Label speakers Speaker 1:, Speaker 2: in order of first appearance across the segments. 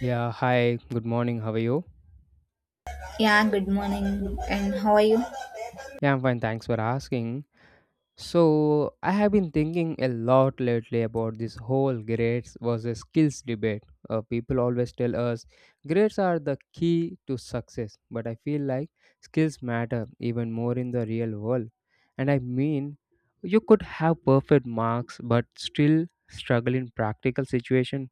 Speaker 1: Yeah, hi, good morning. How are you?
Speaker 2: Yeah, good morning, and how are you?
Speaker 1: Yeah, I'm fine. Thanks for asking. So, I have been thinking a lot lately about this whole grades versus skills debate. People always tell us grades are the key to success, but I feel like skills matter even more in the real world. And I mean, you could have perfect marks but still struggle in practical situation.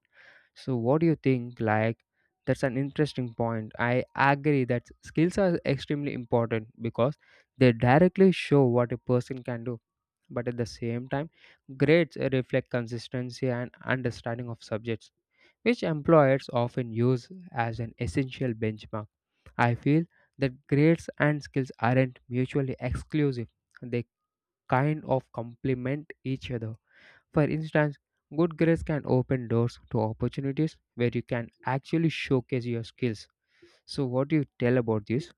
Speaker 1: So what do you think? Like, that's an interesting point. I agree that skills are extremely important because they directly show what a person can do. But at the same time, grades reflect consistency and understanding of subjects, which employers often use as an essential benchmark. I feel that grades and skills aren't mutually exclusive. They kind of complement each other. For instance, good grades can open doors to opportunities where you can actually showcase your skills. So, what do you tell about this?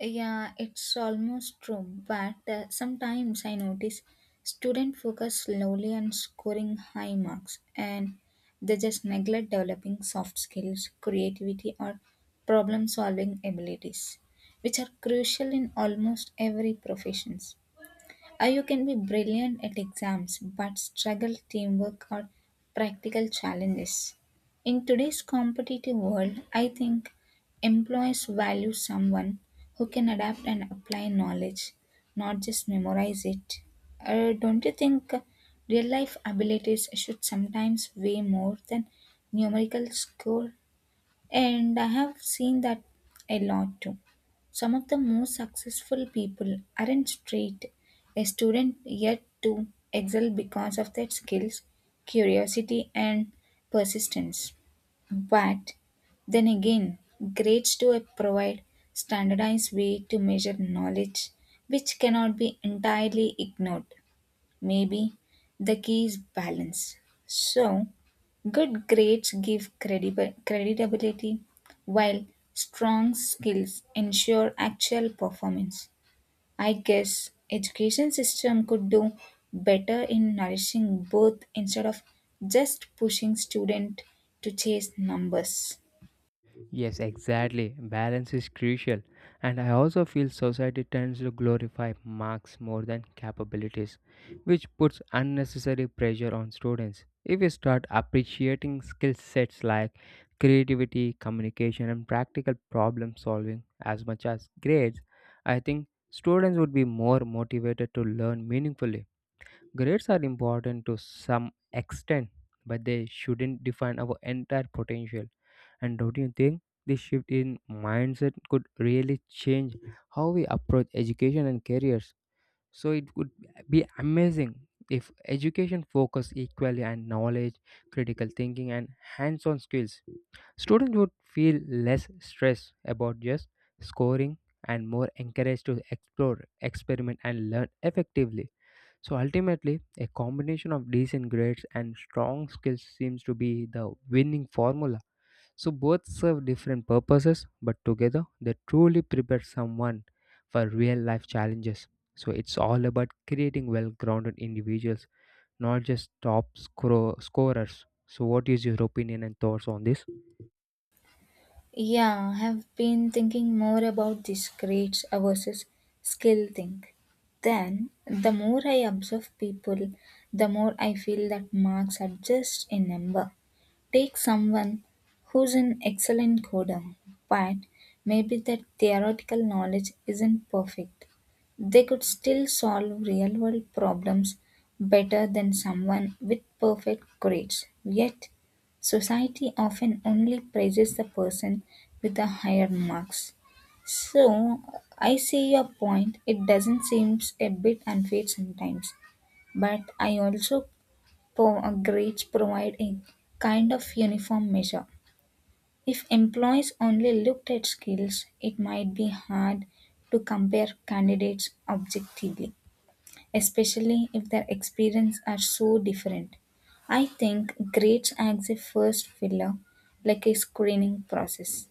Speaker 2: Yeah, it's almost true, but sometimes I notice students focus slowly on scoring high marks, and they just neglect developing soft skills, creativity, or problem solving abilities, which are crucial in almost every profession. Or you can be brilliant at exams but struggle teamwork or practical challenges. In today's competitive world, I think employees value someone who can adapt and apply knowledge, not just memorize it. Don't you think real life abilities should sometimes weigh more than numerical score? And I have seen that a lot too. Some of the most successful people aren't straight a student yet to excel because of their skills, curiosity, and persistence. But then again, grades do provide standardized way to measure knowledge, which cannot be entirely ignored. Maybe the key is balance. So, good grades give credibility, while strong skills ensure actual performance. I guess education system could do better in nourishing both instead of just pushing student to chase numbers.
Speaker 1: Yes, exactly. Balance is crucial. And I also feel society tends to glorify marks more than capabilities, which puts unnecessary pressure on students. If we start appreciating skill sets like creativity, communication, and practical problem solving as much as grades, I think students would be more motivated to learn meaningfully. Grades are important to some extent, but they shouldn't define our entire potential. And don't you think this shift in mindset could really change how we approach education and careers? So it would be amazing if education focused equally on knowledge, critical thinking, and hands on skills. Students would feel less stressed about just scoring and more encouraged to explore, experiment, and learn effectively. So ultimately, a combination of decent grades and strong skills seems to be the winning formula. So both serve different purposes, but together they truly prepare someone for real life challenges. So it's all about creating well grounded individuals, not just scorers. So, what is your opinion and thoughts on this?
Speaker 2: Yeah, I have been thinking more about this grades versus skill thing. Then, the more I observe people, the more I feel that marks are just a number. Take someone who's an excellent coder, but maybe their theoretical knowledge isn't perfect. They could still solve real world problems better than someone with perfect grades. Yet, society often only praises the person with the higher marks. So, I see your point. It doesn't seem a bit unfair sometimes, but I also grades provide a kind of uniform measure. If employees only looked at skills, it might be hard to compare candidates objectively, especially if their experience are so different. I think grades acts a first filler, like a screening process.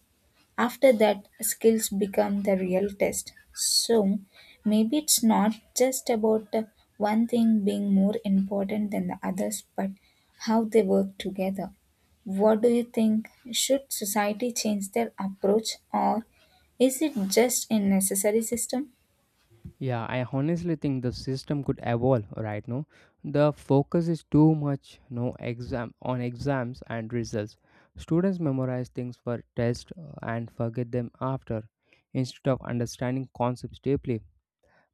Speaker 2: After that, skills become the real test. So maybe it's not just about one thing being more important than the others, but how they work together. What do you think? Should society change their approach, or is it just a necessary system?
Speaker 1: Yeah, I honestly think the system could evolve right now. The focus is too much no exam on exams and results. Students memorize things for test and forget them after, instead of understanding concepts deeply.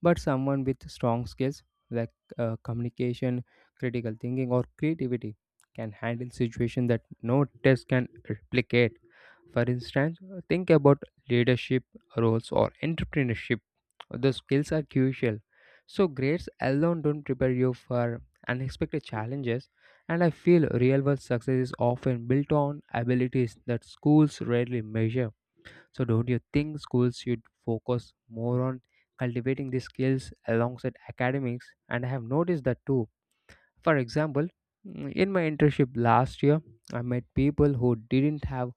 Speaker 1: But someone with strong skills like communication, critical thinking or creativity can handle situation that no test can replicate. For instance, think about leadership roles or entrepreneurship. The skills are crucial. So, grades alone don't prepare you for unexpected challenges, and I feel real world success is often built on abilities that schools rarely measure. So, don't you think schools should focus more on cultivating these skills alongside academics? And I have noticed that too. For example, in my internship last year, I met people who didn't have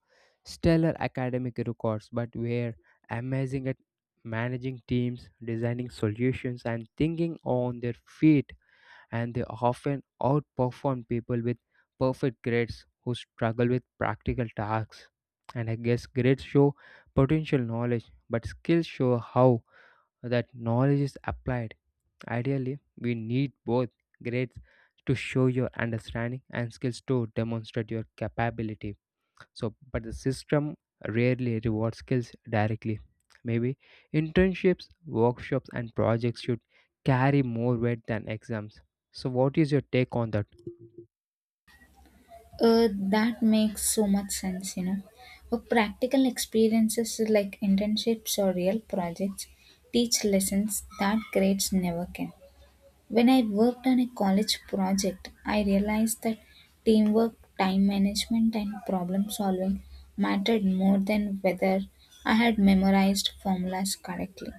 Speaker 1: stellar academic records but were amazing at managing teams, designing solutions, and thinking on their feet. And they often outperform people with perfect grades who struggle with practical tasks. And I guess grades show potential knowledge, but skills show how that knowledge is applied. Ideally, we need both grades to show your understanding and skills to demonstrate your capability. So, but the system rarely rewards skills directly. Maybe internships, workshops, and projects should carry more weight than exams. So, what is your take on that?
Speaker 2: Uh, that makes so much sense, you know. For practical experiences like internships or real projects teach lessons that grades never can. When I worked on a college project, I realized that teamwork, time management, and problem solving mattered more than whether I had memorized formulas correctly.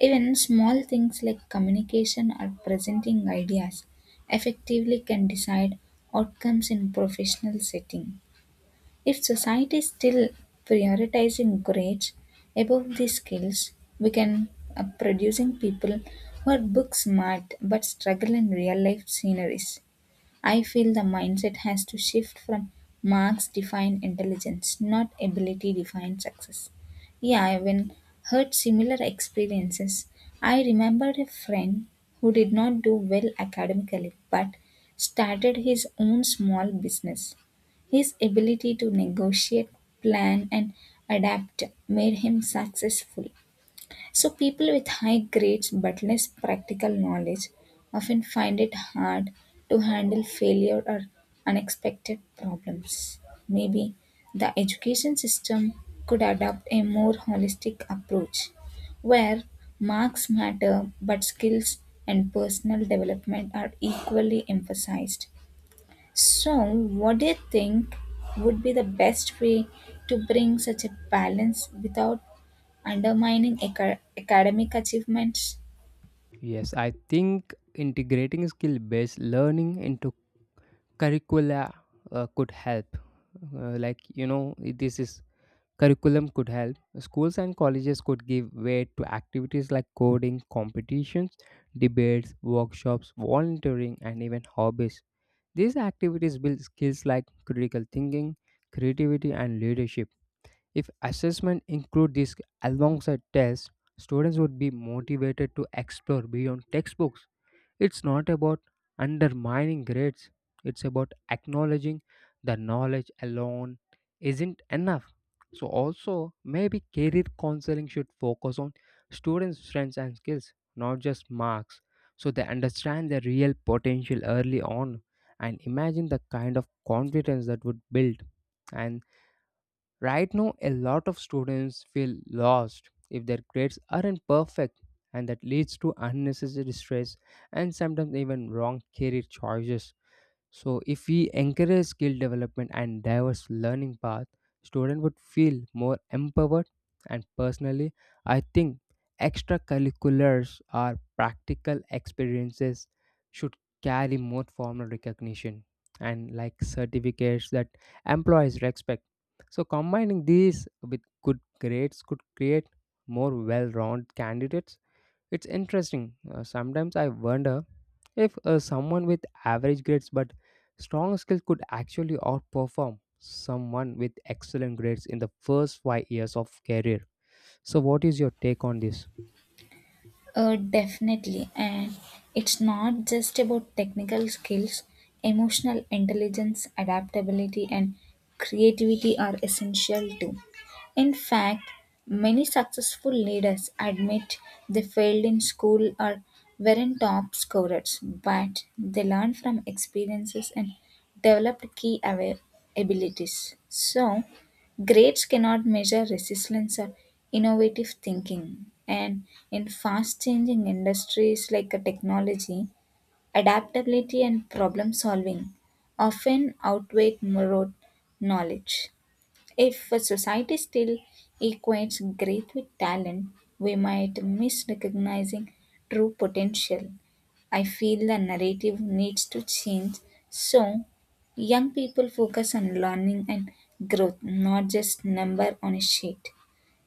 Speaker 2: Even small things like communication or presenting ideas effectively can decide outcomes in professional setting. If society is still prioritizing grades above these skills, we can producing people who are book smart but struggle in real life sceneries. I feel the mindset has to shift from marks define intelligence, not ability define success. Yeah, I even heard similar experiences. I remembered a friend who did not do well academically but started his own small business. His ability to negotiate, plan, and adapt made him successful. So, people with high grades but less practical knowledge often find it hard to handle failure or unexpected problems. Maybe the education system could adopt a more holistic approach where marks matter but skills and personal development are equally emphasized. So, what do you think would be the best way to bring such a balance without undermining academic achievements?
Speaker 1: Yes, I think integrating skill based learning into curricula could help. Like, you know, this is Curriculum could help. Schools and colleges could give weight to activities like coding, competitions, debates, workshops, volunteering, and even hobbies. These activities build skills like critical thinking, creativity, and leadership. If assessment include this alongside tests, students would be motivated to explore beyond textbooks. It's not about undermining grades, it's about acknowledging the knowledge alone isn't enough. So, also, maybe career counseling should focus on students' strengths and skills, not just marks, so they understand their real potential early on and imagine the kind of confidence that would build. And Right now, a lot of students feel lost if their grades aren't perfect, and that leads to unnecessary stress and sometimes even wrong career choices. So, if we encourage skill development and diverse learning path, students would feel more empowered. And personally, I think extracurriculars or practical experiences should carry more formal recognition and like certificates that employees respect. So, combining these with good grades could create more well-rounded candidates. It's interesting. Sometimes I wonder if someone with average grades but strong skills could actually outperform someone with excellent grades in the first 5 years of career. So, what is your take on this?
Speaker 2: Definitely. And it's not just about technical skills, emotional intelligence, adaptability, and creativity are essential too. In fact, many successful leaders admit they failed in school or weren't top scorers, but they learned from experiences and developed key abilities. So, grades cannot measure resilience or innovative thinking. And in fast changing industries like a technology, adaptability and problem solving often outweigh rote knowledge. If a society still equates great with talent, we might miss recognizing true potential. I feel the narrative needs to change so young people focus on learning and growth, not just number on a sheet.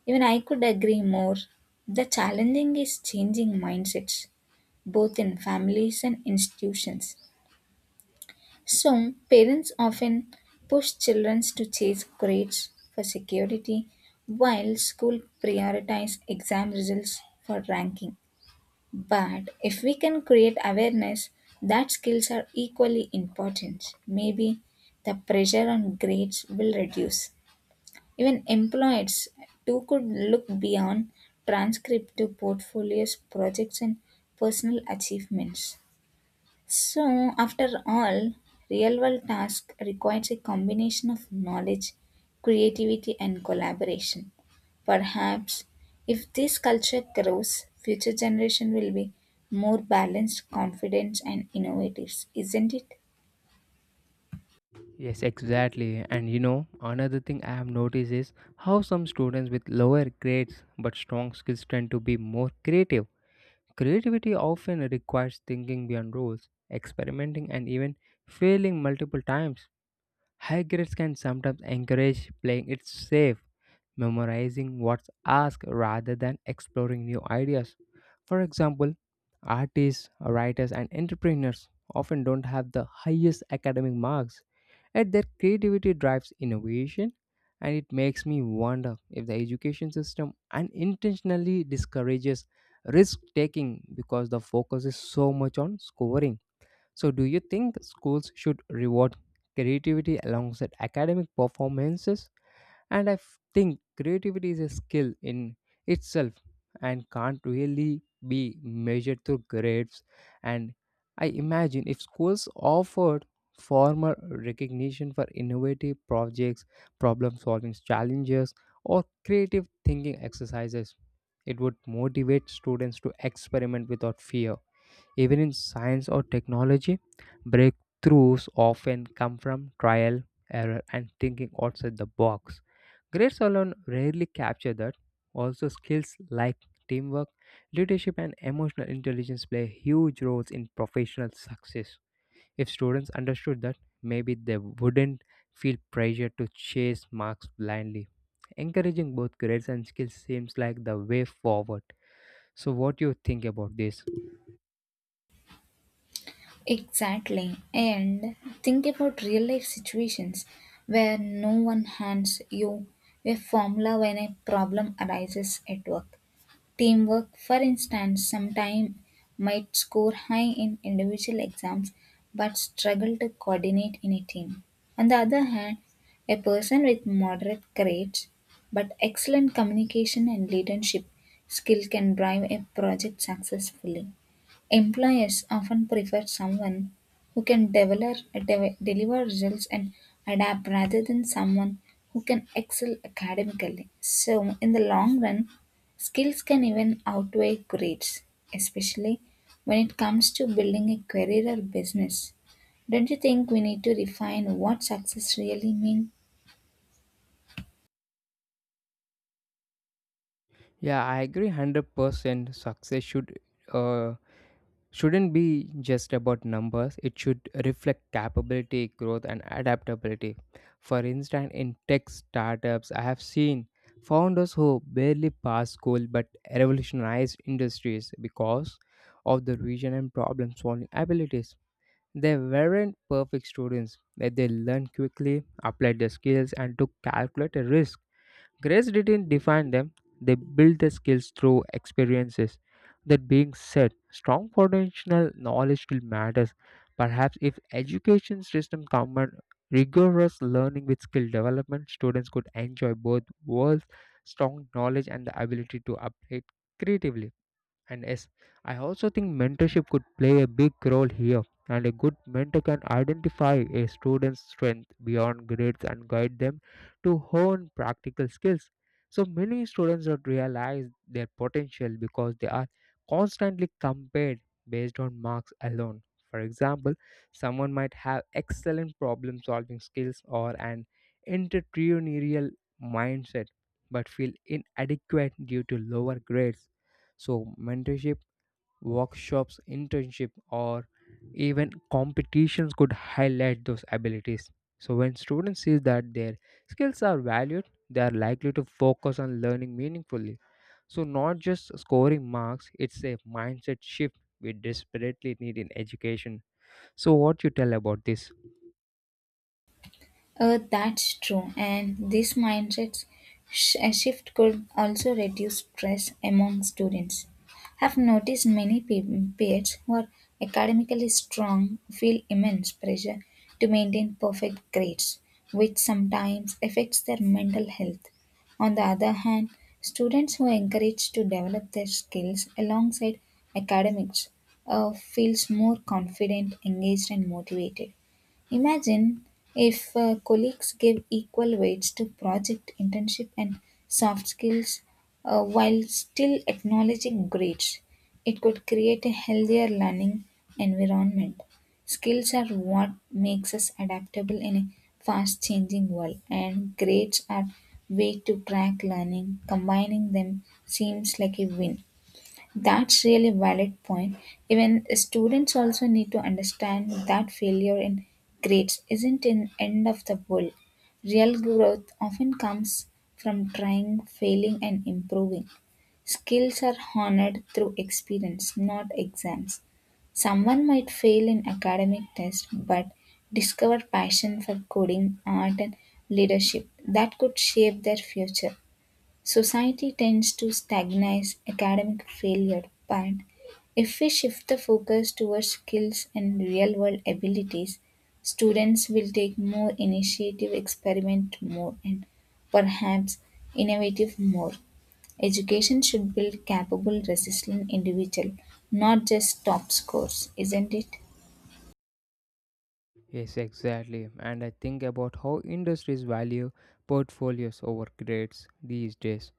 Speaker 2: Even I could agree more. The challenging is changing mindsets, both in families and institutions. So, parents often push children to chase grades for security, while school prioritize exam results for ranking. But if we can create awareness that skills are equally important, maybe the pressure on grades will reduce. Even employers too could look beyond transcript to portfolios, projects, and personal achievements. So, after all, real world task requires a combination of knowledge, creativity, and collaboration. Perhaps if this culture grows, future generation will be more balanced, confident, and innovative, isn't it?
Speaker 1: Yes, exactly. And you know, another thing I have noticed is how some students with lower grades but strong skills tend to be more creative. Creativity often requires thinking beyond rules, experimenting, and even failing multiple times. High grades can sometimes encourage playing it safe, memorizing what's asked rather than exploring new ideas. For example, artists, writers, and entrepreneurs often don't have the highest academic marks, yet their creativity drives innovation, and it makes me wonder if the education system unintentionally discourages risk taking because the focus is so much on scoring. So, do you think schools should reward creativity alongside academic performances? And think creativity is a skill in itself and can't really be measured through grades. And I imagine if schools offered formal recognition for innovative projects, problem solving challenges, or creative thinking exercises, it would motivate students to experiment without fear. Even in science or technology, breakthroughs often come from trial, error, and thinking outside the box. Grades alone rarely capture that. Also, skills like teamwork, leadership, and emotional intelligence play huge roles in professional success. If students understood that, maybe they wouldn't feel pressure to chase marks blindly. Encouraging both grades and skills seems like the way forward. So, what do you think about this?
Speaker 2: Exactly. And think about real life situations where no one hands you a formula when a problem arises at work. Teamwork, for instance, sometimes might score high in individual exams but struggle to coordinate in a team. On the other hand, a person with moderate grades but excellent communication and leadership skill can drive a project successfully. Employers often prefer someone who can develop, deliver results and adapt rather than someone who can excel academically. So, in the long run, skills can even outweigh grades, especially when it comes to building a career or business. Don't you think we need to refine what success really means?
Speaker 1: Yeah, I agree 100%. Success should uh, shouldn't be just about numbers. It should reflect capability, growth and adaptability. For instance, in tech startups, I have seen founders who barely passed school but revolutionized industries because of the vision and problem solving abilities. They weren't perfect students, but they learned quickly, applied their skills and took calculated risks. Grace didn't define them, they built their skills through experiences. That being said, strong foundational knowledge still matters. Perhaps if education system combined rigorous learning with skill development, students could enjoy both worlds, strong knowledge and the ability to upgrade creatively. And yes, I also think mentorship could play a big role here. And a good mentor can identify a student's strength beyond grades and guide them to hone practical skills. So many students don't realize their potential because they are constantly compared based on marks alone. For example, someone might have excellent problem solving skills or an entrepreneurial mindset but feel inadequate due to lower grades. So, mentorship, workshops, internship, or even competitions could highlight those abilities. So, when students see that their skills are valued, they are likely to focus on learning meaningfully. So, not just scoring marks, it's a mindset shift we desperately need in education. So, what you tell about this?
Speaker 2: That's true, and this mindset shift could also reduce stress among students. I've noticed many peers who are academically strong feel immense pressure to maintain perfect grades, which sometimes affects their mental health. On the other hand, students who are encouraged to develop their skills alongside academics feels more confident, engaged, and motivated. Imagine if colleagues give equal weights to project, internship, and soft skills while still acknowledging grades. It could create a healthier learning environment. Skills are what makes us adaptable in a fast changing world, and grades are way to track learning. Combining them seems like a win. That's really valid point. Even students also need to understand that failure in grades isn't an end of the world. Real growth often comes from trying, failing, and improving. Skills are honored through experience, not exams. Someone might fail in academic tests but discover passion for coding, art, and leadership that could shape their future. Society tends to stigmatize academic failure, but if we shift the focus towards skills and real world abilities, students will take more initiative, experiment more, and perhaps innovative more. Education should build capable, resilient individual, not just top scores, isn't it?
Speaker 1: Yes, exactly. And I think about how industries value portfolios over grades these days.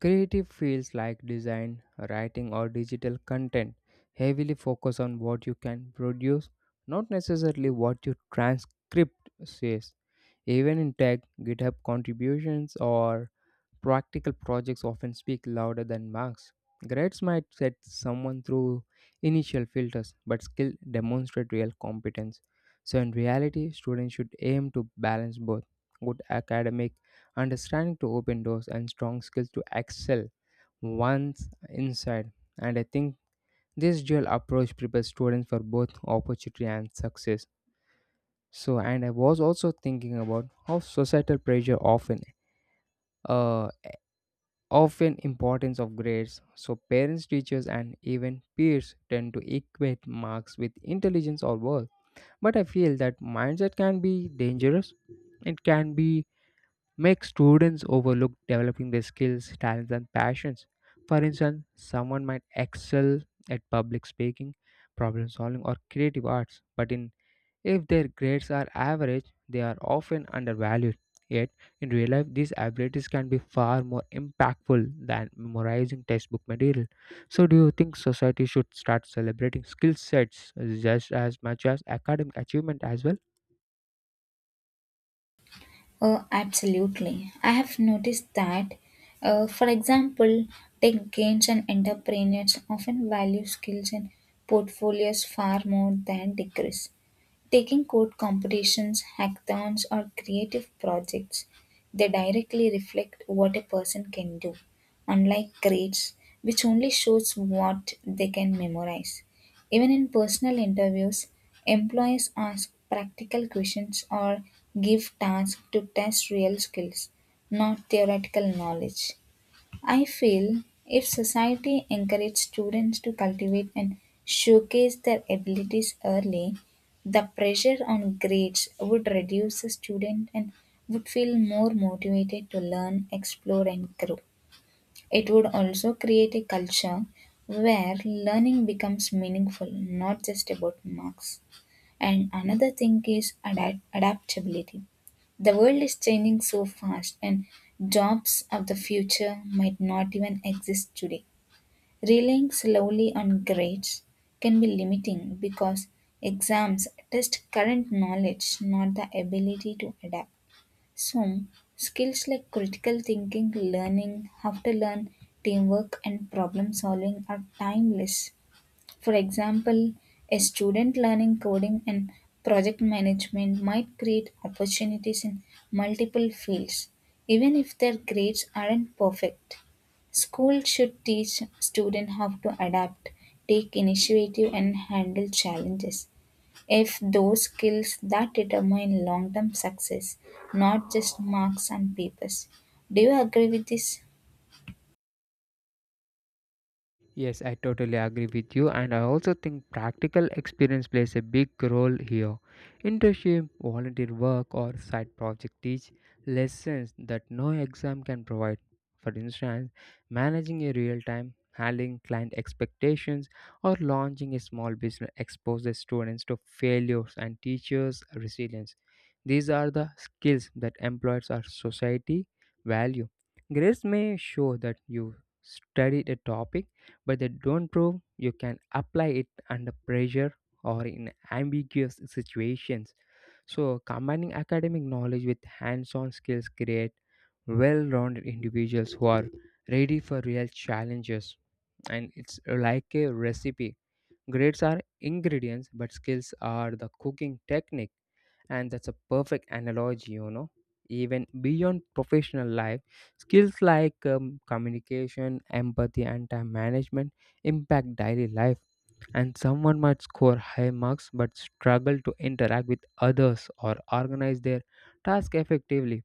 Speaker 1: Creative fields like design, writing, or digital content heavily focus on what you can produce, not necessarily what your transcript says. Even in tech, GitHub contributions or practical projects often speak louder than marks. Grades might set someone through initial filters, but skill demonstrate real competence. So, in reality, students should aim to balance both good academic understanding to open doors and strong skills to excel once inside. And I think this dual approach prepares students for both opportunity and success. So, and I was also thinking about how societal pressure uh, often importance of grades. So, parents, teachers, and even peers tend to equate marks with intelligence or worth. But I feel that mindset can be dangerous. It can be make students overlook developing their skills, talents, and passions. For instance, someone might excel at public speaking, problem solving, or creative arts, but in if their grades are average, they are often undervalued. Yet, in real life, these abilities can be far more impactful than memorizing textbook material. So, do you think society should start celebrating skill sets just as much as academic achievement as well?
Speaker 2: Oh, absolutely. I have noticed that, for example, tech gains and entrepreneurs often value skills and portfolios far more than degrees. Taking code competitions, hackathons, or creative projects, they directly reflect what a person can do, unlike grades, which only shows what they can memorize. Even in personal interviews, employers ask practical questions or give tasks to test real skills, not theoretical knowledge. I feel if society encouraged students to cultivate and showcase their abilities early, the pressure on grades would reduce the student and would feel more motivated to learn, explore, and grow. It would also create a culture where learning becomes meaningful, not just about marks. And another thing is adaptability. The world is changing so fast, and jobs of the future might not even exist today. Relying slowly on grades can be limiting because exams test current knowledge, not the ability to adapt. So, skills like critical thinking, learning, how to learn, teamwork, and problem solving are timeless for example, a student learning coding and project management might create opportunities in multiple fields, even if their grades aren't perfect. School should teach students how to adapt, take initiative, and handle challenges. If those skills that determine long term success, not just marks and papers. Do you agree with this?
Speaker 1: Yes, I totally agree with you, and I also think practical experience plays a big role here. Internship, volunteer work, or side project teach lessons that no exam can provide. For instance, managing a real time, handling client expectations, or launching a small business exposes students to failures and teachers resilience. These are the skills that employers or society value. Grades may show that you studied a topic but they don't prove you can apply it under pressure or in ambiguous situations. So, combining academic knowledge with hands on skills create well rounded individuals who are ready for real challenges. And it's like a recipe. Grades are ingredients, but skills are the cooking technique, and that's a perfect analogy. You know, even beyond professional life, skills like communication, empathy and time management impact daily life, and someone might score high marks but struggle to interact with others or organize their task effectively.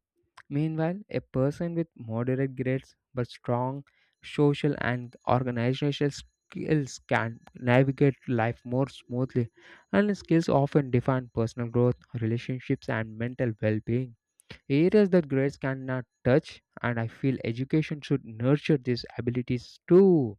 Speaker 1: Meanwhile, a person with moderate grades but strong social and organizational skills can navigate life more smoothly, and skills often define personal growth, relationships, and mental well being. Areas that grades cannot touch, and I feel education should nurture these abilities too.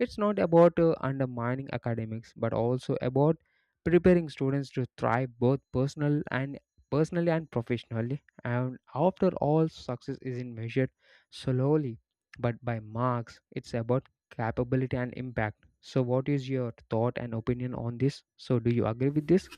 Speaker 1: It's not about undermining academics, but also about preparing students to thrive both personally and professionally. And after all, success isn't measured solely but by marks. It's about capability and impact. So, what is your thought and opinion on this? So, do you agree with this?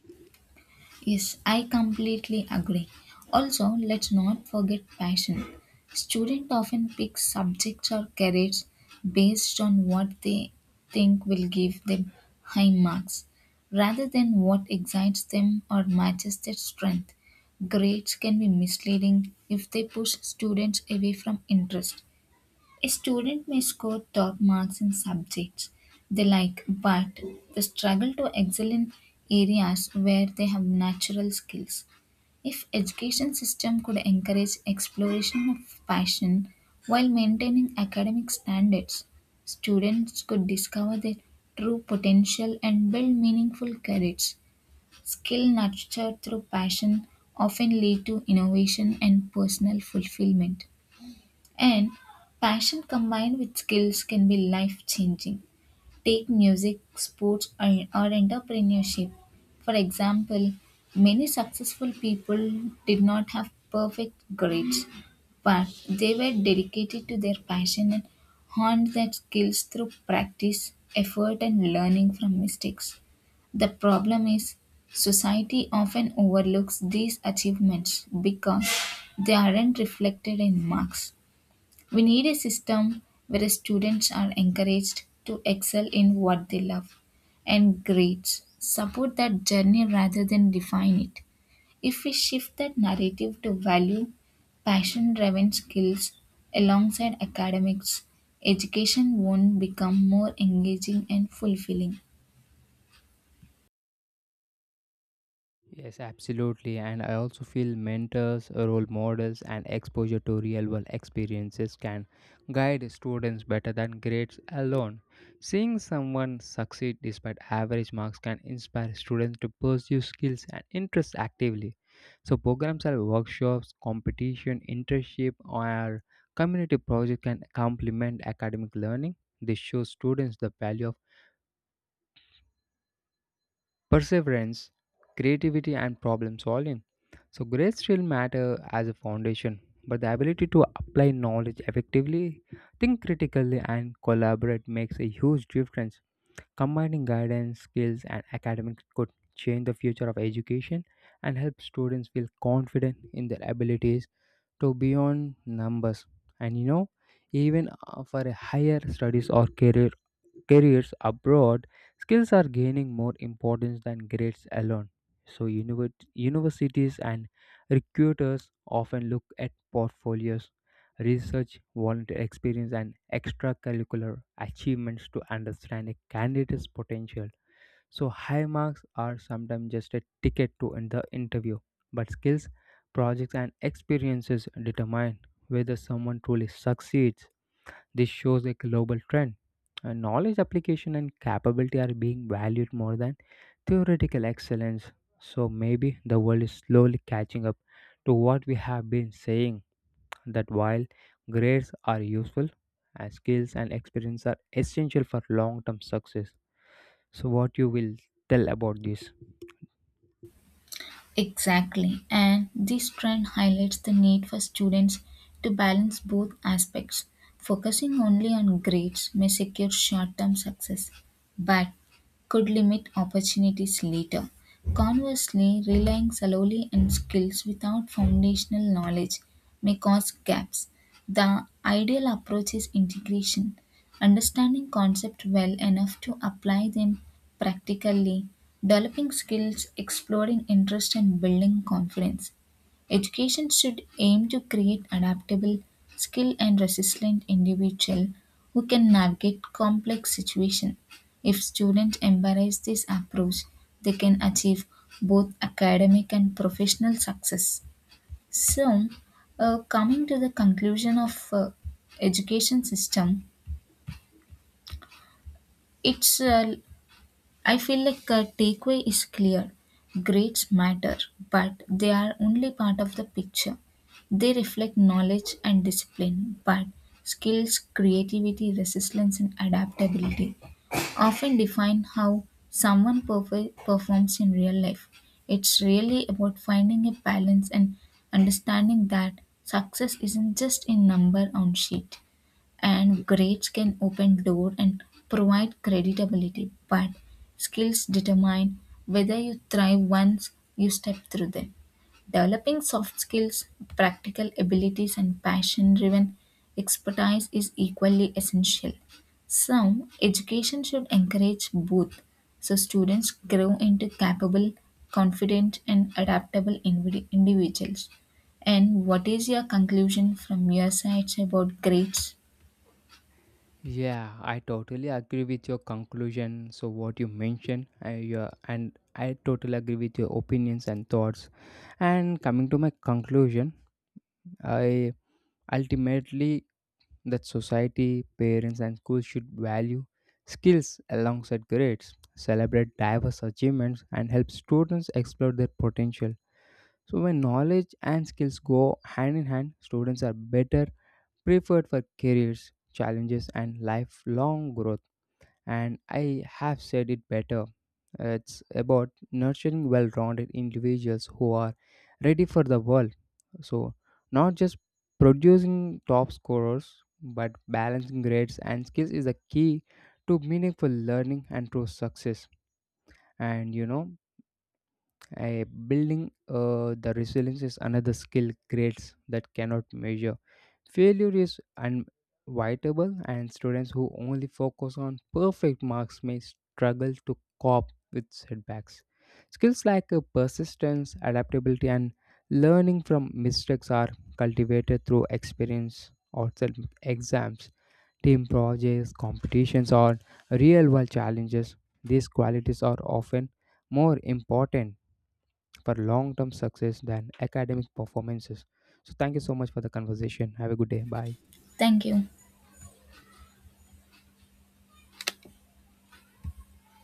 Speaker 2: Yes, I completely agree. Also, let's not forget passion. Students often pick subjects or careers based on what they think will give them high marks, rather than what excites them or matches their strength. Grades can be misleading if they push students away from interest. A student may score top marks in subjects they like, but they struggle to excel in areas where they have natural skills. If education system could encourage exploration of passion while maintaining academic standards, students could discover their true potential and build meaningful careers. Skill nurtured through passion often lead to innovation and personal fulfillment. And passion combined with skills can be life changing. Take music, sports, or entrepreneurship. For example, many successful people did not have perfect grades, but they were dedicated to their passion and honed their skills through practice, effort, and learning from mistakes. The problem is society often overlooks these achievements because they aren't reflected in marks. We need a system where students are encouraged to excel in what they love and grades support that journey rather than define it. If we shift that narrative to value passion driven skills alongside academics, education won't become more engaging and fulfilling.
Speaker 1: Yes, absolutely. And I also feel mentors, role models, and exposure to real world experiences can guide students better than grades alone. Seeing someone succeed despite average marks can inspire students to pursue skills and interests actively. So, programs like workshops, competition, internship, or community project can complement academic learning. This shows students the value of perseverance, creativity, and problem solving. So, grades still matter as a foundation, but the ability to apply knowledge effectively, think critically, and collaborate makes a huge difference. Combining guidance, skills, and academics could change the future of education and help students feel confident in their abilities to beyond numbers. And you know, even for a higher studies or careers abroad, skills are gaining more importance than grades alone. So, universities and recruiters often look at portfolios, research, volunteer experience, and extracurricular achievements to understand a candidate's potential. So, high marks are sometimes just a ticket to in the interview, but skills, projects, and experiences determine whether someone truly succeeds. This shows a global trend. Knowledge application and capability are being valued more than theoretical excellence. So maybe the world is slowly catching up to what we have been saying, that while grades are useful, skills and experience are essential for long-term success. So what you will tell about this?
Speaker 2: Exactly, and this trend highlights the need for students to balance both aspects. Focusing only on grades may secure short term success, but could limit opportunities later. Conversely, relying solely on skills without foundational knowledge may cause gaps. The ideal approach is integration, understanding concepts well enough to apply them practically, developing skills, exploring interest, and building confidence. Education should aim to create adaptable, skilled, and resilient individuals who can navigate complex situations. If students embrace this approach, they can achieve both academic and professional success. So, coming to the conclusion of education system, it's I feel like takeaway is clear. Grades matter, but they are only part of the picture. They reflect knowledge and discipline, but skills, creativity, resilience, and adaptability often define how someone performs in real life. It's really about finding a balance and understanding that success isn't just a number on sheet, and grades can open door and provide credibility, but skills determine whether you thrive once you step through them. Developing soft skills, practical abilities, and passion driven expertise is equally essential. Some education should encourage both, so students grow into capable, confident, and adaptable individuals. And what is your conclusion from your side about grades?
Speaker 1: Yeah, I totally agree with your conclusion. So what you mentioned, I, yeah, and I totally agree with your opinions and thoughts. And coming to my conclusion, I ultimately that society, parents, and schools should value skills alongside grades, celebrate diverse achievements, and help students explore their potential. So when knowledge and skills go hand in hand, students are better preferred for careers, challenges, and lifelong growth, and I have said it better. It's about nurturing well rounded individuals who are ready for the world. So, not just producing top scorers, but balancing grades and skills is a key to meaningful learning and true success. And you know, building the resilience is another skill grades that cannot measure. Failure is unavoidable, and students who only focus on perfect marks may struggle to cope with setbacks. Skills like persistence, adaptability, and learning from mistakes are cultivated through experience, outside exams, team projects, competitions, or real world challenges. These qualities are often more important for long term success than academic performances. So, thank you so much for the conversation. Have a good day. Bye.
Speaker 2: Thank you.